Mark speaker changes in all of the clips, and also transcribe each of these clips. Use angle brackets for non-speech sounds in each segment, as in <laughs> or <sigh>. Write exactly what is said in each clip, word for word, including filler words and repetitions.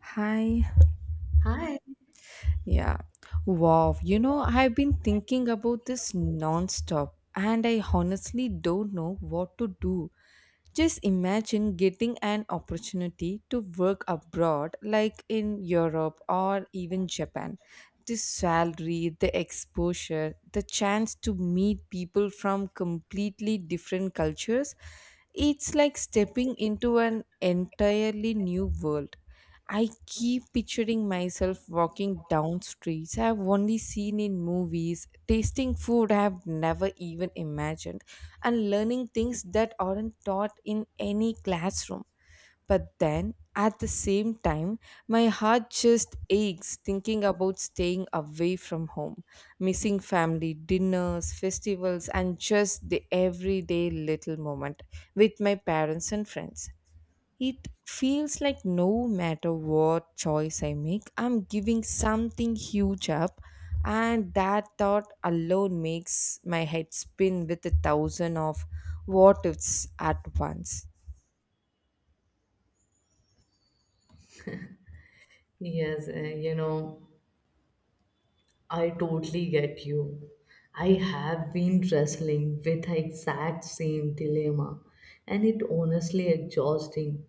Speaker 1: Hi.
Speaker 2: Hi.
Speaker 1: Yeah. Wow. You know, I've been thinking about this nonstop and I honestly don't know what to do. Just imagine getting an opportunity to work abroad, like in Europe or even Japan. The salary, the exposure, the chance to meet people from completely different cultures. It's like stepping into an entirely new world. I keep picturing myself walking down streets I've only seen in movies, tasting food I've never even imagined, and learning things that aren't taught in any classroom. But then, at the same time, my heart just aches thinking about staying away from home, missing family dinners, festivals, and just the everyday little moment with my parents and friends. It feels like no matter what choice I make, I'm giving something huge up, and that thought alone makes my head spin with a thousand of what ifs at once.
Speaker 2: Yes, uh, you know, I totally get you. I have been wrestling with the exact same dilemma, and it honestly exhausting.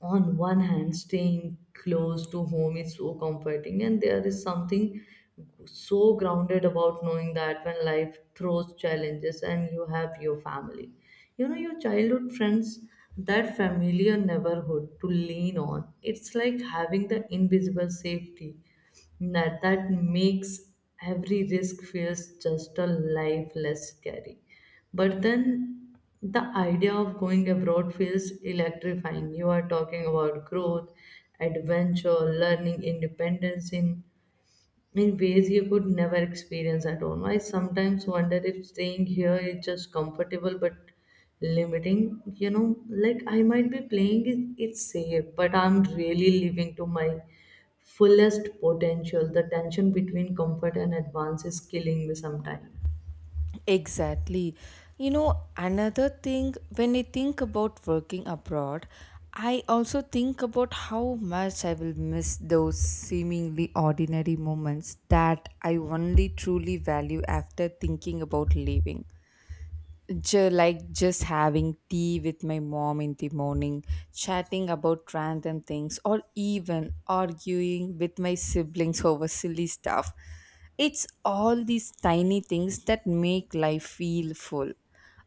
Speaker 2: On one hand, staying close to home is so comforting, and there is something so grounded about knowing that when life throws challenges and you have your family, you know, your childhood friends, that familiar neighborhood to lean on. It's like having the invisible safety that, that makes every risk feels just a life less scary, but then the idea of going abroad feels electrifying. You are talking about growth, adventure, learning independence in in ways you could never experience at home. I sometimes wonder if staying here is just comfortable but limiting. You know, like I might be playing it, it's safe, but I'm really living to my fullest potential. The tension between comfort and advance is killing me sometimes.
Speaker 1: Exactly. You know, another thing, when I think about working abroad, I also think about how much I will miss those seemingly ordinary moments that I only truly value after thinking about leaving. Ju- like just having tea with my mom in the morning, chatting about random things, or even arguing with my siblings over silly stuff. It's all these tiny things that make life feel full.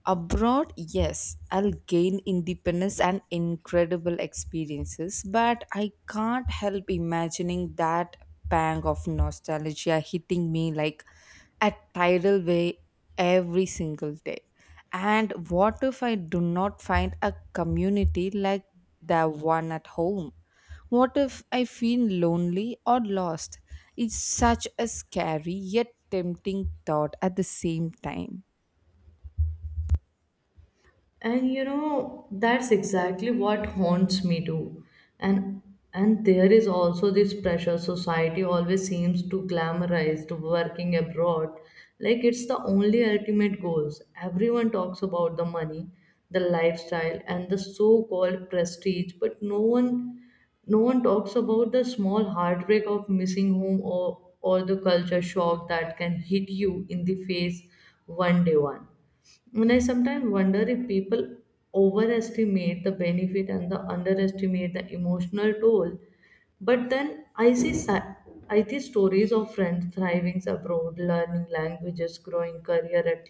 Speaker 1: Abroad, yes, I'll gain independence and incredible experiences, but I can't help imagining that pang of nostalgia hitting me like a tidal wave every single day. And what if I do not find a community like the one at home? What if I feel lonely or lost? It's such a scary yet tempting thought at the same time.
Speaker 2: And you know, that's exactly what haunts me too, and and there is also this pressure. Society always seems to glamorize to working abroad, like it's the only ultimate goals. Everyone talks about the money, the lifestyle, and the so-called prestige, but no one no one talks about the small heartbreak of missing home, or or the culture shock that can hit you in the face one day one, and I sometimes wonder if people overestimate the benefit and the underestimate the emotional toll. But then I see si- I see stories of friends thriving abroad, learning languages, growing career at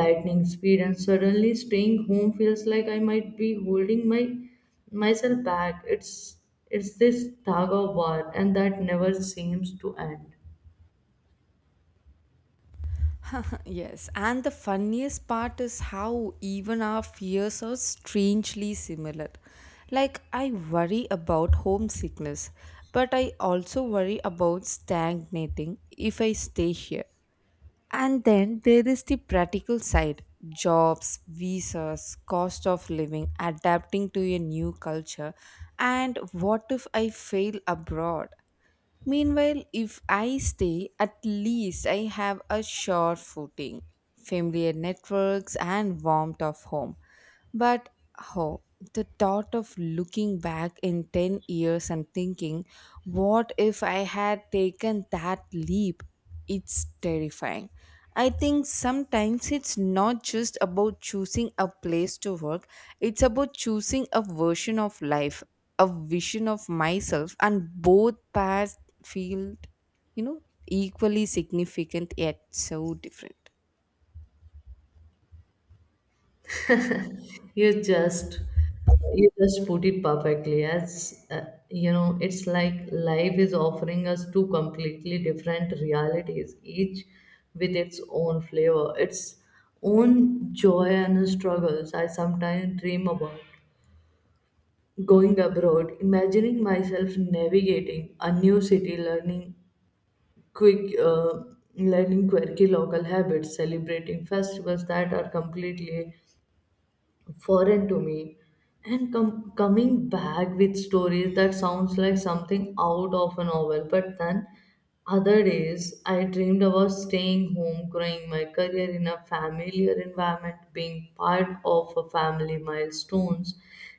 Speaker 2: lightning speed, and suddenly staying home feels like I might be holding my myself back. It's it's this tug of war, and that never seems to end.
Speaker 1: Yes, and the funniest part is how even our fears are strangely similar. Like, I worry about homesickness, but I also worry about stagnating if I stay here. And then there is the practical side jobs, visas, cost of living, adapting to a new culture, and what if I fail abroad? Meanwhile, if I stay, at least I have a sure footing, familiar networks, and warmth of home. But how? The thought of looking back in ten years and thinking, what if I had taken that leap? It's terrifying. I think sometimes it's not just about choosing a place to work, it's about choosing a version of life, a vision of myself, and both paths feel, you know, equally significant yet so different.
Speaker 2: you just you just put it perfectly as, uh, you know, it's like life is offering us two completely different realities, each with its own flavor, its own joy and struggles. I sometimes dream about going abroad, imagining myself navigating a new city, learning quick uh, learning quirky local habits, celebrating festivals that are completely foreign to me, and com- coming back with stories that sounds like something out of a novel. But then other days I dreamed about staying home, growing my career in a familiar environment, being part of a family milestones,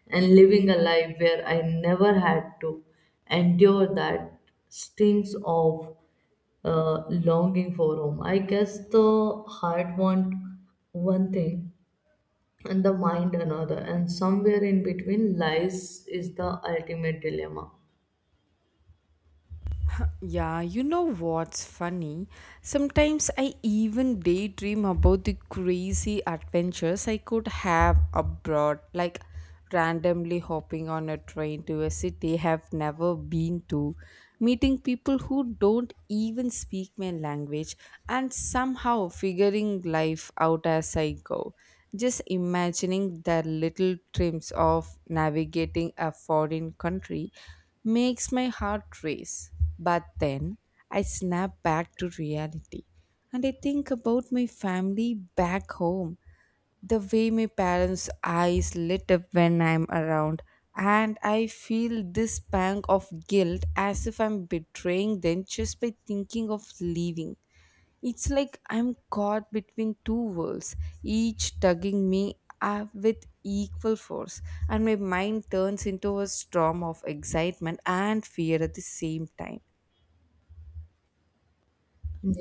Speaker 2: and living a life where I never had to endure that stings of, uh, longing for home. I guess the heart want one thing and the mind another, and somewhere in between lies is the ultimate dilemma.
Speaker 1: Yeah, you know what's funny? Sometimes I even daydream about the crazy adventures I could have abroad, like randomly hopping on a train to a city I have never been to, meeting people who don't even speak my language, and somehow figuring life out as I go. Just imagining the little trims of navigating a foreign country makes my heart race. But then I snap back to reality and I think about my family back home, the way my parents' eyes lit up when I'm around, and I feel this pang of guilt as if I'm betraying them just by thinking of leaving. It's like I'm caught between two worlds, each tugging me up with equal force, and my mind turns into a storm of excitement and fear at the same time.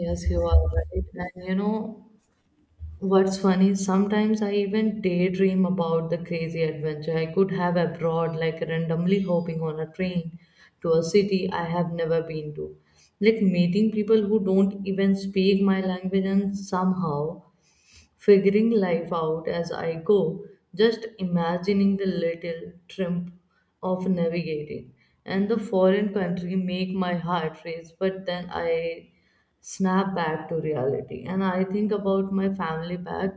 Speaker 2: Yes, you are right, and you know what's funny? Sometimes I even daydream about the crazy adventure I could have abroad, like randomly hopping on a train to a city I have never been to, like meeting people who don't even speak my language and somehow figuring life out as I go, just imagining the little tramp of navigating. And the foreign country make my heart race, but then I snap back to reality and I think about my family back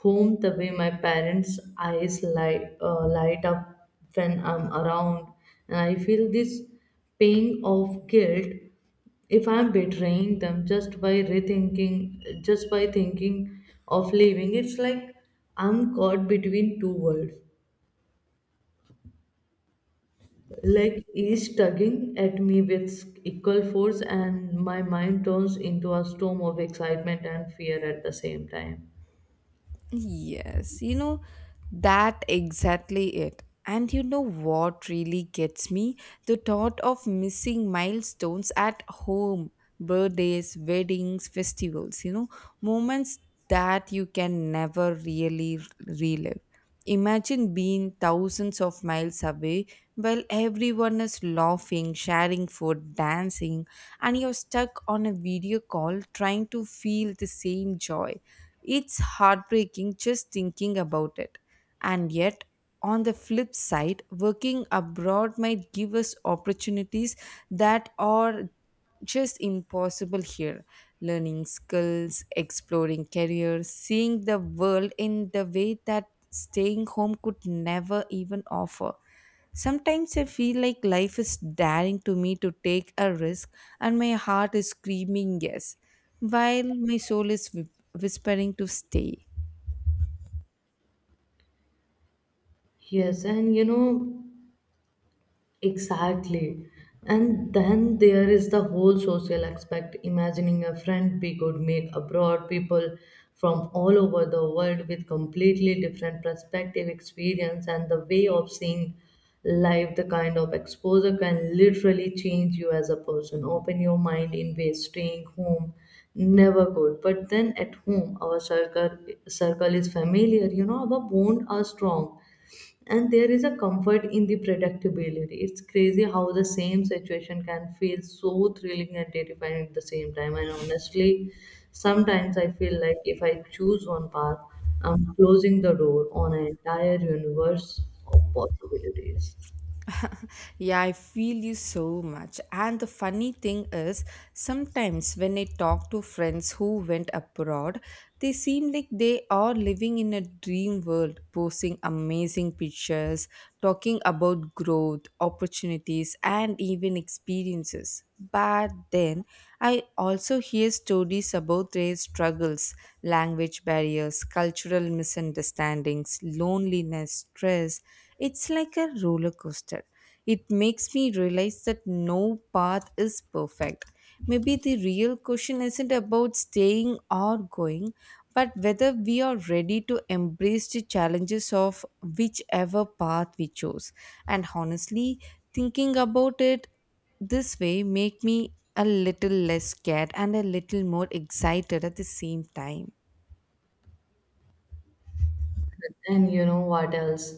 Speaker 2: home, the way my parents' eyes light, uh, light up when I'm around. And I feel this pang of guilt if I'm betraying them just by rethinking, just by thinking of leaving. It's like I'm caught between two worlds, like each tugging at me with equal force, and my mind turns into a storm of excitement and fear at the same time.
Speaker 1: Yes, you know, that exactly it. And you know what really gets me? The thought of missing milestones at home, birthdays, weddings, festivals, you know, moments that you can never really relive. Imagine being thousands of miles away while everyone is laughing, sharing food, dancing, and you're stuck on a video call trying to feel the same joy. It's heartbreaking just thinking about it. And yet, on the flip side, working abroad might give us opportunities that are just impossible here. Learning skills, exploring careers, seeing the world in the way that staying home could never even offer. Sometimes I feel like life is daring to me to take a risk and my heart is screaming yes, while my soul is whi- whispering to stay.
Speaker 2: Yes, and you know, exactly. And then there is the whole social aspect, imagining a friend we could make abroad, people from all over the world with completely different perspective, experience, and the way of seeing life. The kind of exposure can literally change you as a person, open your mind in ways staying home never could. But then at home, our circle circle is familiar, you know, our bond are strong, and there is a comfort in the predictability. It's crazy how the same situation can feel so thrilling and terrifying at the same time, and honestly sometimes I feel like if I choose one path, I'm closing the door on an entire universe of possibilities.
Speaker 1: Yeah, I feel you so much. And the funny thing is, sometimes when I talk to friends who went abroad, they seem like they are living in a dream world, posting amazing pictures, talking about growth, opportunities, and even experiences. But then I also hear stories about their struggles, language barriers, cultural misunderstandings, loneliness, stress. It's like a roller coaster. It makes me realize that no path is perfect. Maybe the real question isn't about staying or going, but whether we are ready to embrace the challenges of whichever path we chose. And honestly, thinking about it this way make me a little less scared and a little more excited at the same time.
Speaker 2: And you know what else?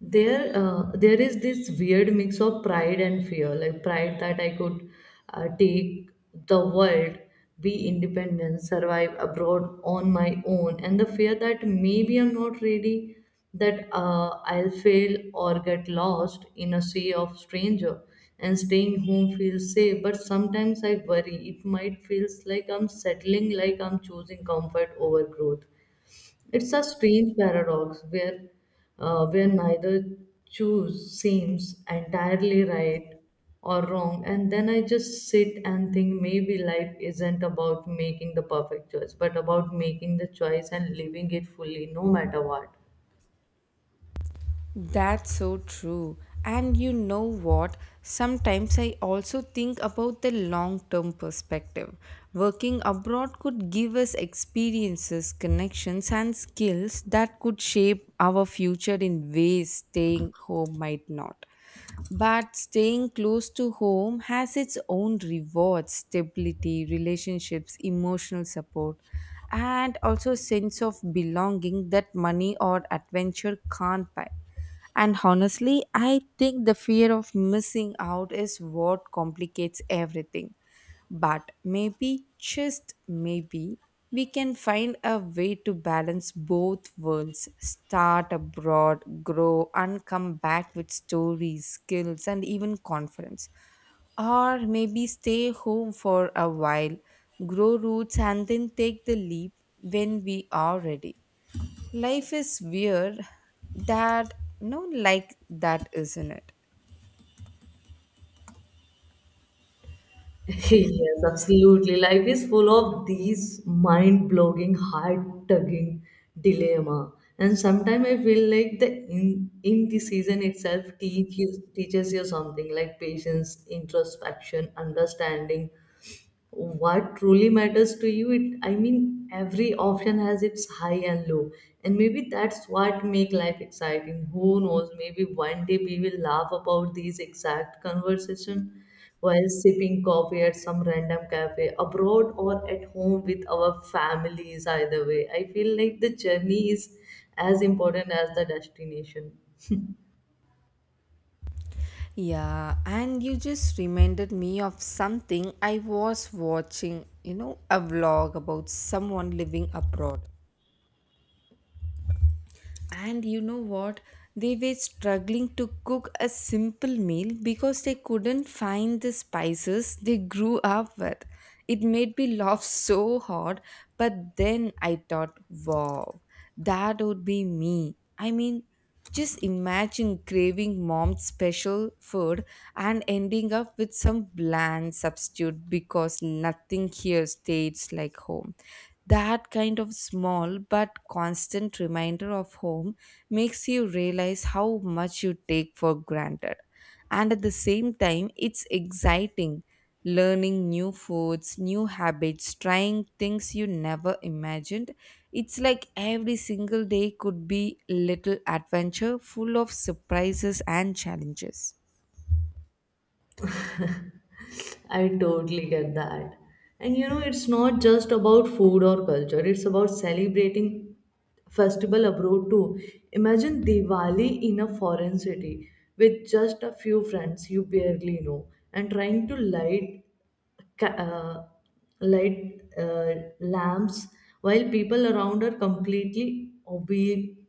Speaker 2: There, uh, there is this weird mix of pride and fear, like pride that I could, uh, take the world, be independent, survive abroad on my own, and the fear that maybe I'm not ready, that, uh, I'll fail or get lost in a sea of stranger. And staying home feels safe, but sometimes I worry it might feels like I'm settling, like I'm choosing comfort over growth. It's a strange paradox where, uh, where neither choose seems entirely right or wrong, and then I just sit and think maybe life isn't about making the perfect choice, but about making the choice and living it fully, no matter what.
Speaker 1: That's so true. And you know what? Sometimes I also think about the long term perspective. Working abroad could give us experiences, connections, and skills that could shape our future in ways staying home might not. But staying close to home has its own rewards, stability, relationships, emotional support, and also sense of belonging that money or adventure can't buy. And honestly, I think the fear of missing out is what complicates everything. But maybe, just maybe, we can find a way to balance both worlds start abroad, grow, and come back with stories, skills, and even confidence. Or maybe stay home for a while, grow roots, and then take the leap when we are ready. Life is weird that no like that, isn't it?
Speaker 2: <laughs> Yes, absolutely. Life is full of these mind-blowing, heart-tugging dilemma. And sometimes I feel like the in, in the season itself teaches teaches you something like patience, introspection, understanding, what truly matters to you. It, I mean, every option has its high and low, and maybe that's what make life exciting. Who knows, maybe one day we will laugh about these exact conversation while sipping coffee at some random cafe abroad or at home with our families. Either way I feel like the journey is as important as the destination.
Speaker 1: Yeah, and you just reminded me of something I was watching, you know, a vlog about someone living abroad. And you know what? They were struggling to cook a simple meal because they couldn't find the spices they grew up with. It made me laugh so hard, but then I thought, wow, that would be me. I mean, just imagine craving mom's special food and ending up with some bland substitute because nothing here tastes like home. That kind of small but constant reminder of home makes you realize how much you take for granted. And at the same time, it's exciting learning new foods, new habits, trying things you never imagined. It's like every single day could be a little adventure full of surprises and challenges.
Speaker 2: I totally get that. And you know, it's not just about food or culture, it's about celebrating festival abroad too. Imagine Diwali in a foreign city with just a few friends you barely know and trying to light ca- uh, light uh, lamps while people around are completely obli-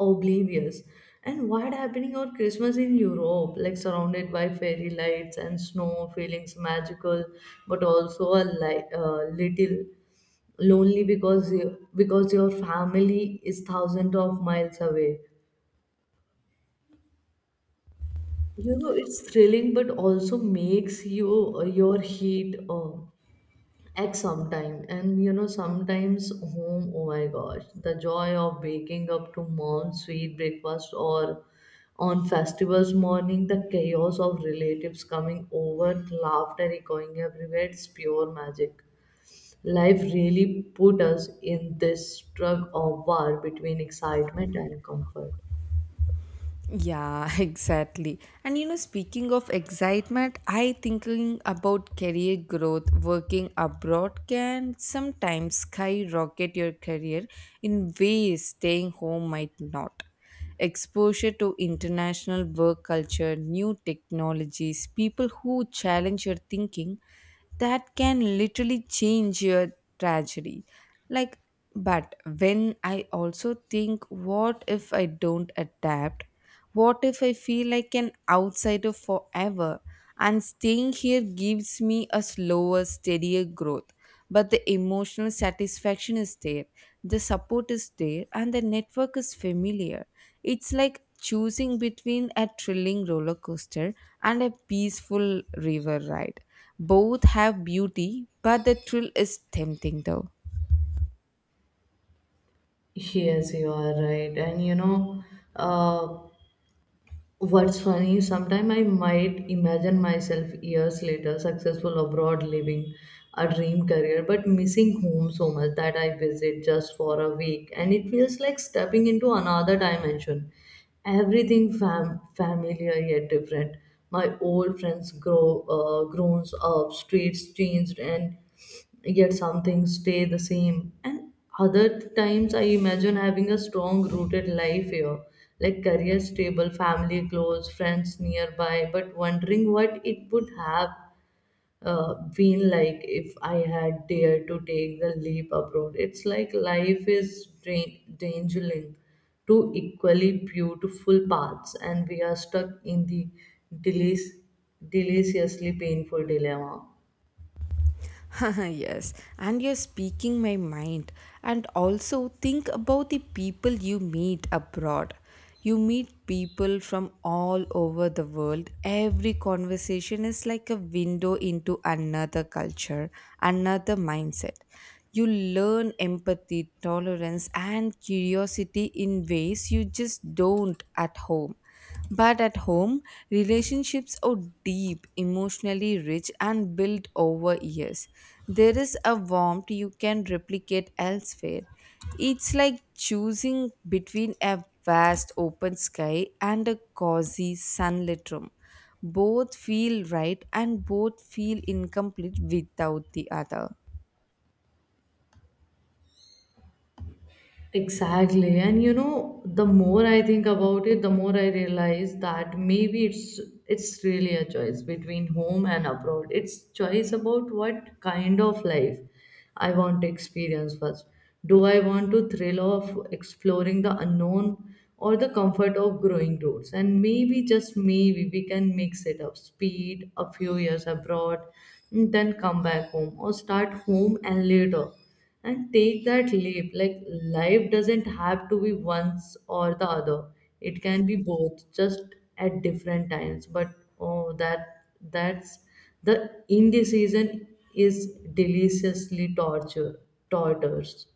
Speaker 2: oblivious, and what happening on Christmas in Europe, like surrounded by fairy lights and snow feelings magical, but also a li- uh, little lonely because you, because your family is thousands of miles away. You know, it's thrilling but also makes you, uh, your heat uh, at some time. And you know, sometimes home, oh my gosh, the joy of waking up to mom's sweet breakfast or on festivals morning, the chaos of relatives coming over, laughter echoing everywhere, it's pure magic. Life really put us in this tug of war between excitement and comfort.
Speaker 1: Yeah, <laughs> exactly. And you know, speaking of excitement, I thinking about career growth. Working abroad can sometimes skyrocket your career in ways staying home might not. Exposure to international work culture, new technologies, people who challenge your thinking that can literally change your tragedy. Like, but when I also think, what if I don't adapt? What if I feel like an outsider forever? And staying here gives me a slower steadier growth, but the emotional satisfaction is there, the support is there, and the network is familiar. It's like choosing between a thrilling roller coaster and a peaceful river ride. Both have beauty, but the thrill is tempting though.
Speaker 2: Yes, you are right. And you know, uh, what's funny, sometimes I might imagine myself years later successful abroad living a dream career, but missing home so much that I visit just for a week and it feels like stepping into another dimension. Everything fam- familiar yet different. My old friends grow uh, grown up, streets changed, and yet some things stay the same. And other times, I imagine having a strong rooted life here, like career stable, family close, friends nearby, but wondering what it would have, uh, been like if I had dared to take the leap abroad. It's like life is dra- dangling two equally beautiful paths, and we are stuck in the delic- deliciously painful dilemma.
Speaker 1: <laughs> Yes, and you're speaking my mind. And also think about the people you meet abroad. You meet people from all over the world. Every conversation is like a window into another culture, another mindset. You learn empathy, tolerance, and curiosity in ways you just don't at home. But at home, relationships are deep, emotionally rich, and built over years. There is a warmth you can replicate elsewhere. It's like choosing between a vast open sky and a cozy sunlit room. Both feel right and both feel incomplete without the other.
Speaker 2: Exactly. And you know, the more I think about it, the more I realize that maybe it's it's really a choice between home and abroad. It's choice about what kind of life I want to experience first. Do I want to thrill of exploring the unknown or the comfort of growing roots? And maybe just maybe we can mix it up. Speed a few years abroad, then come back home, or start home and later and take that leap. Like life doesn't have to be once or the other. It can be both, just at different times. But oh, that that's the indecision is deliciously torture tortures.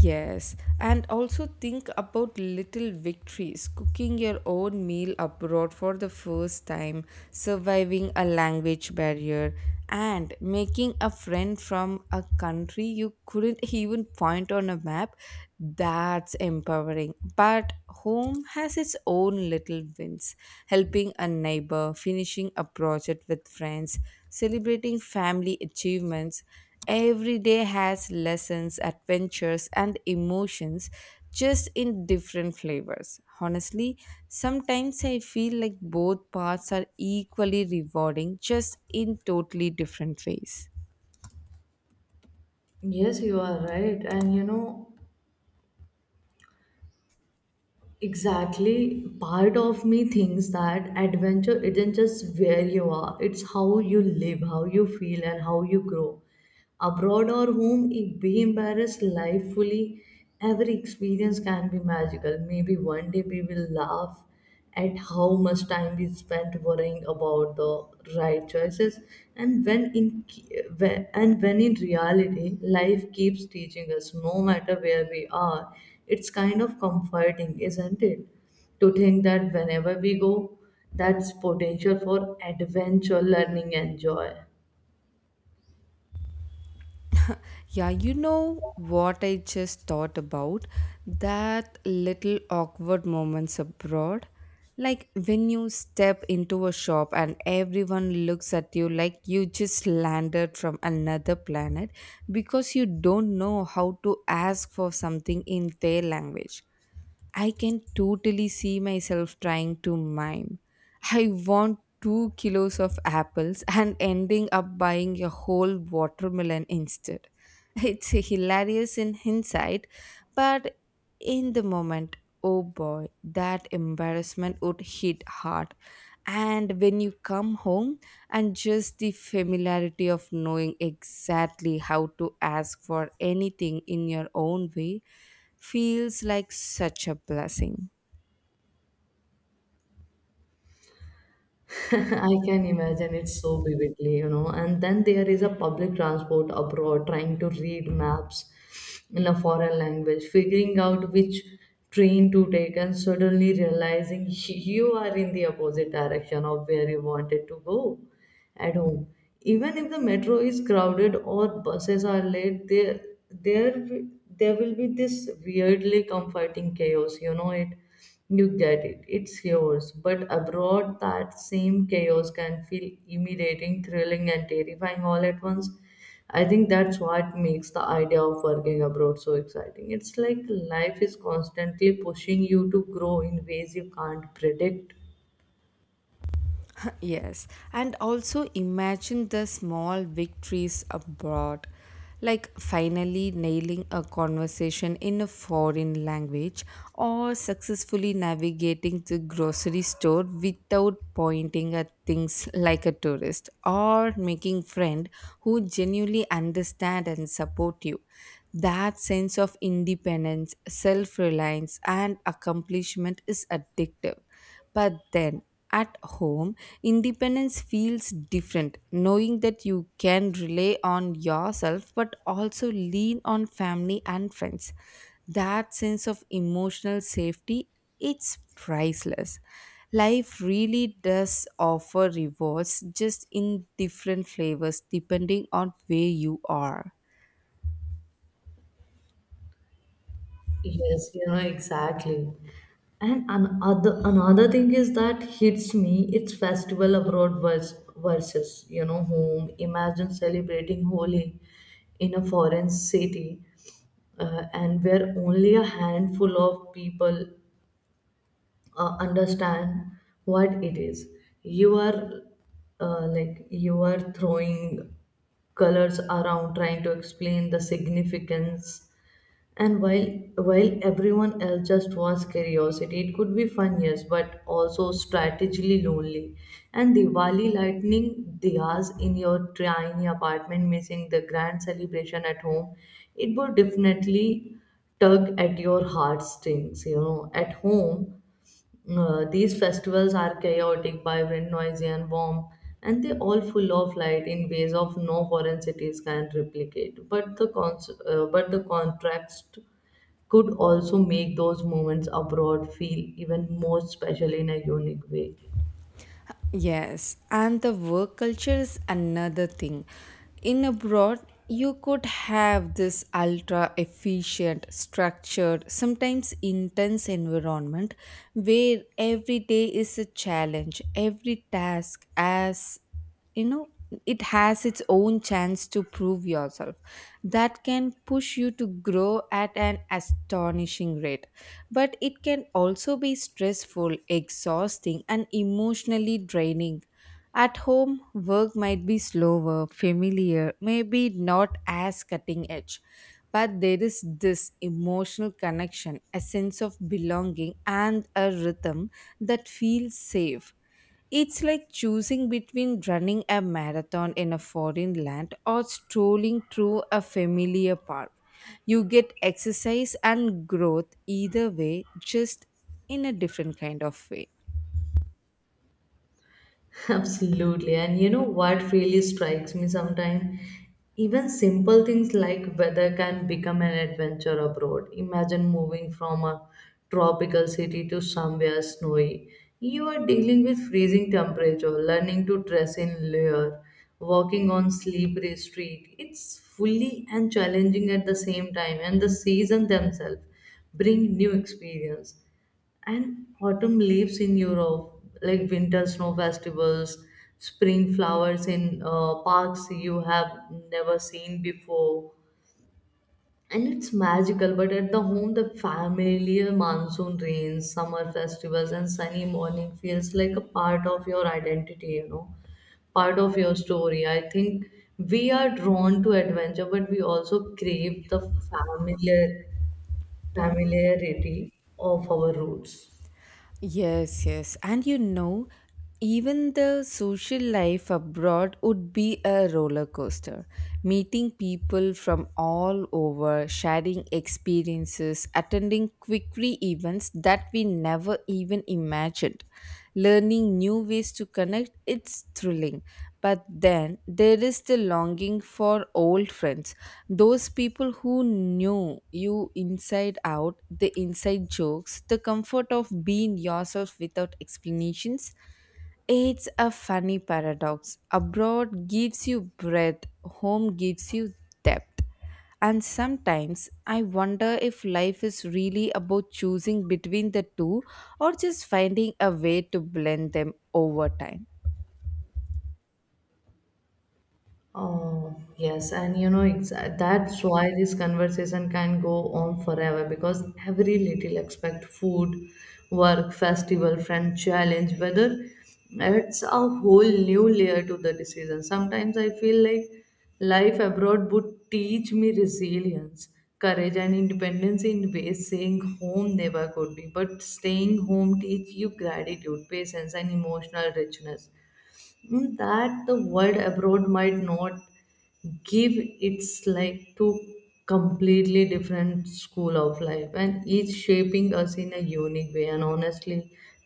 Speaker 1: Yes, and also think about little victories cooking your own meal abroad for the first time, surviving a language barrier, and making a friend from a country you couldn't even point on a map. That's empowering. But home has its own little wins helping a neighbor, finishing a project with friends, celebrating family achievements. Every day has lessons, adventures, and emotions just in different flavors. Honestly, sometimes I feel like both parts are equally rewarding, just in totally different ways.
Speaker 2: Yes, you are right, and you know. Exactly. Part of me thinks that adventure isn't just where you are, it's how you live, how you feel, and how you grow. Abroad or home, if we embrace life fully, every experience can be magical. Maybe one day we will laugh at how much time we spent worrying about the right choices and when in when- and when in reality life keeps teaching us no matter where we are. It's kind of comforting, isn't it, to think that whenever we go, that's potential for adventure, learning, and joy.
Speaker 1: Yeah, you know what I just thought about? That little awkward moments abroad. Like when you step into a shop and everyone looks at you like you just landed from another planet because you don't know how to ask for something in their language. I can totally see myself trying to mime. I want two kilos of apples and ending up buying a whole watermelon instead. It's hilarious in hindsight, but in the moment, oh boy, that embarrassment would hit hard. And when you come home, and just the familiarity of knowing exactly how to ask for anything in your own way feels like such a blessing.
Speaker 2: <laughs> I can imagine it so vividly, you know. And then there is a public transport abroad, trying to read maps in a foreign language, figuring out which train to take, and suddenly realizing <laughs> you are in the opposite direction of where you wanted to go at home. Even if the metro is crowded or buses are late, there there wi- there will be this weirdly comforting chaos. You know it. You get it. It's yours. But abroad, that same chaos can feel intimidating, thrilling, and terrifying all at once. I think that's what makes the idea of working abroad so exciting. It's like life is constantly pushing you to grow in ways you can't predict.
Speaker 1: Yes, and also imagine the small victories abroad, like finally nailing a conversation in a foreign language or successfully navigating the grocery store without pointing at things like a tourist or making friend who genuinely understand and support you. That sense of independence, self-reliance and accomplishment is addictive. But then at home, independence feels different, knowing that you can rely on yourself but also lean on family and friends. That sense of emotional safety, it's priceless. Life really does offer rewards just in different flavors depending on where you are.
Speaker 2: Yes, you know, exactly. And another another thing is that hits me, it's festival abroad vers versus, you know, home. Imagine celebrating Holi in a foreign city, uh, and where only a handful of people uh, understand what it is. You are, uh, like you are throwing colors around, trying to explain the significance, and while while everyone else just wants curiosity. It could be fun, yes, but also strategically lonely. And Diwali lightning diyas in your tiny apartment, missing the grand celebration at home, it would definitely tug at your heartstrings. You know, at home, uh, these festivals are chaotic, vibrant, noisy, and warm, and they all full of light in ways of no foreign cities can replicate. But the cons- uh, but the contrast could also make those moments abroad feel even more special in a unique way.
Speaker 1: Yes, and the work culture is another thing. In abroad, you could have this ultra efficient, structured, sometimes intense environment where every day is a challenge, every task as, you know, it has its own chance to prove yourself. That can push you to grow at an astonishing rate, but it can also be stressful, exhausting and emotionally draining. At home work might be slower, familiar, maybe not as cutting edge, but there is this emotional connection, a sense of belonging and a rhythm that feels safe. It's like choosing between running a marathon in a foreign land or strolling through a familiar park. You get exercise and growth either way, just in a different kind of way.
Speaker 2: Absolutely. And you know what really strikes me sometimes? Even simple things like weather can become an adventure abroad. Imagine moving from a tropical city to somewhere snowy. You are dealing with freezing temperature, learning to dress in layer, walking on slippery street. It's fully and challenging at the same time, and the season themselves bring new experience and autumn leaves in Europe, like winter snow festivals, spring flowers in, uh, parks you have never seen before. And it's magical, but at the home, the familiar monsoon rains, summer festivals, and sunny morning feels like a part of your identity, you know, part of your story. I think we are drawn to adventure, but we also crave the familiar familiarity of our roots.
Speaker 1: Yes, yes. And you know, even the social life abroad would be a roller coaster. Meeting people from all over, sharing experiences, attending quickly events that we never even imagined. World. Learning new ways to connect, it's thrilling. But then there is the longing for old friends. Those people who knew you inside out, the inside jokes, the comfort of being yourself without explanations. It's a funny paradox. Abroad gives you breadth, home gives you depth. And sometimes I wonder if life is really about choosing between the two or just finding a way to blend them over time.
Speaker 2: Oh, yes, and you know, exa- that's why this conversation can go on forever because every little aspect, food, work, festival, friend, challenge, whether, it's a whole new layer to the decision. Sometimes I feel like life abroad would teach me resilience, courage, and independence in ways staying home never could be. But staying home teach you gratitude, patience, and emotional richness, mm, that the world abroad might not give. It's like two completely different school of life and each shaping us in a unique way, and honestly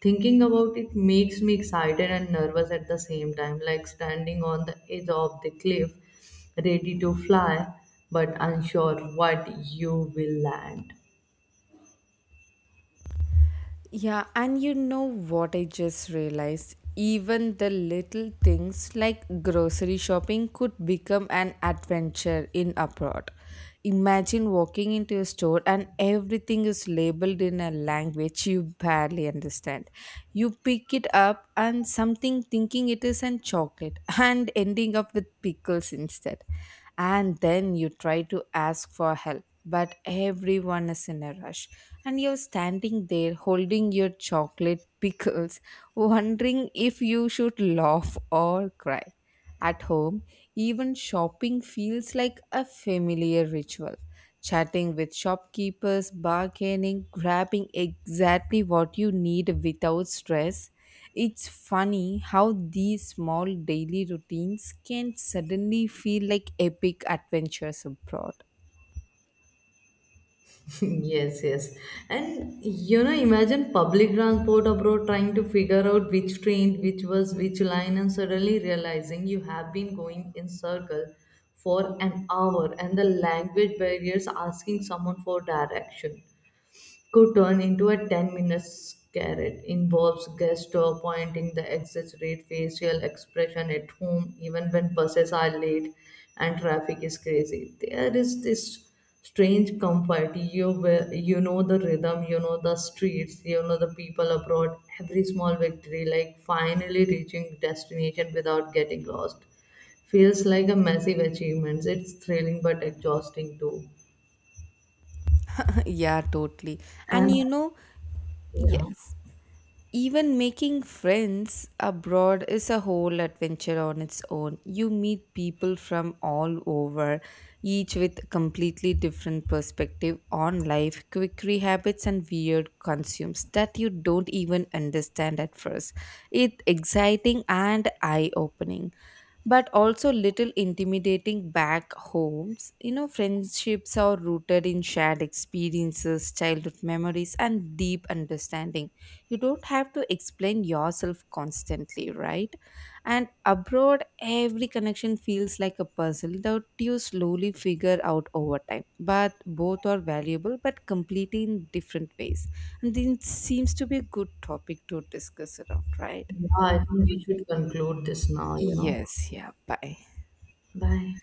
Speaker 2: thinking about it makes me excited and nervous at the same time, like standing on the edge of the cliff ready to fly but unsure what you will land.
Speaker 1: Yeah, and you know what I just realized? Even the little things like grocery shopping could become an adventure in abroad. Imagine walking into a store and everything is labeled in a language you barely understand. You pick it up and something thinking it is an chocolate <laughs> and ending up with pickles instead. And then you try to ask for help but everyone is in a rush. And you're standing there holding your chocolate <laughs> pickles, wondering if you should laugh or cry. At home, even shopping feels like a familiar ritual. Chatting with shopkeepers, bargaining, grabbing exactly what you need without stress. It's funny how these small daily routines can suddenly feel like epic adventures abroad.
Speaker 2: <laughs> Yes, yes. And you know, imagine public transport abroad trying to figure out which train, which was which line, and suddenly realizing you have been going in circle for an hour and the language barriers, asking someone for direction could turn into a ten minute carrot involves gesture pointing the exit facial expression. At home, even when buses are late and traffic is crazy, there is this strange comfort. You will- you know the rhythm, you know the streets, you know the people. Abroad, every small victory like finally reaching destination without getting lost feels like a massive achievement. It's thrilling but exhausting too.
Speaker 1: Yeah, totally. And
Speaker 2: And
Speaker 1: you know,
Speaker 2: yeah
Speaker 1: yes. Even making friends abroad is a whole adventure on its own. You meet people from all over, each with completely different perspective on life, quickery habits and weird consumes that you don't even understand at first. It's exciting and eye-opening but also little intimidating back homes. You know, friendships are rooted in shared experiences, childhood memories, and deep understanding. You don't have to explain yourself constantly, right? And abroad every connection feels like a puzzle that you slowly figure out over time. But both are valuable but completely in different ways. And this seems to be a good topic to discuss around, right?
Speaker 2: Yeah, I think we should conclude this now, you know.
Speaker 1: Yes, yeah, bye.
Speaker 2: Bye.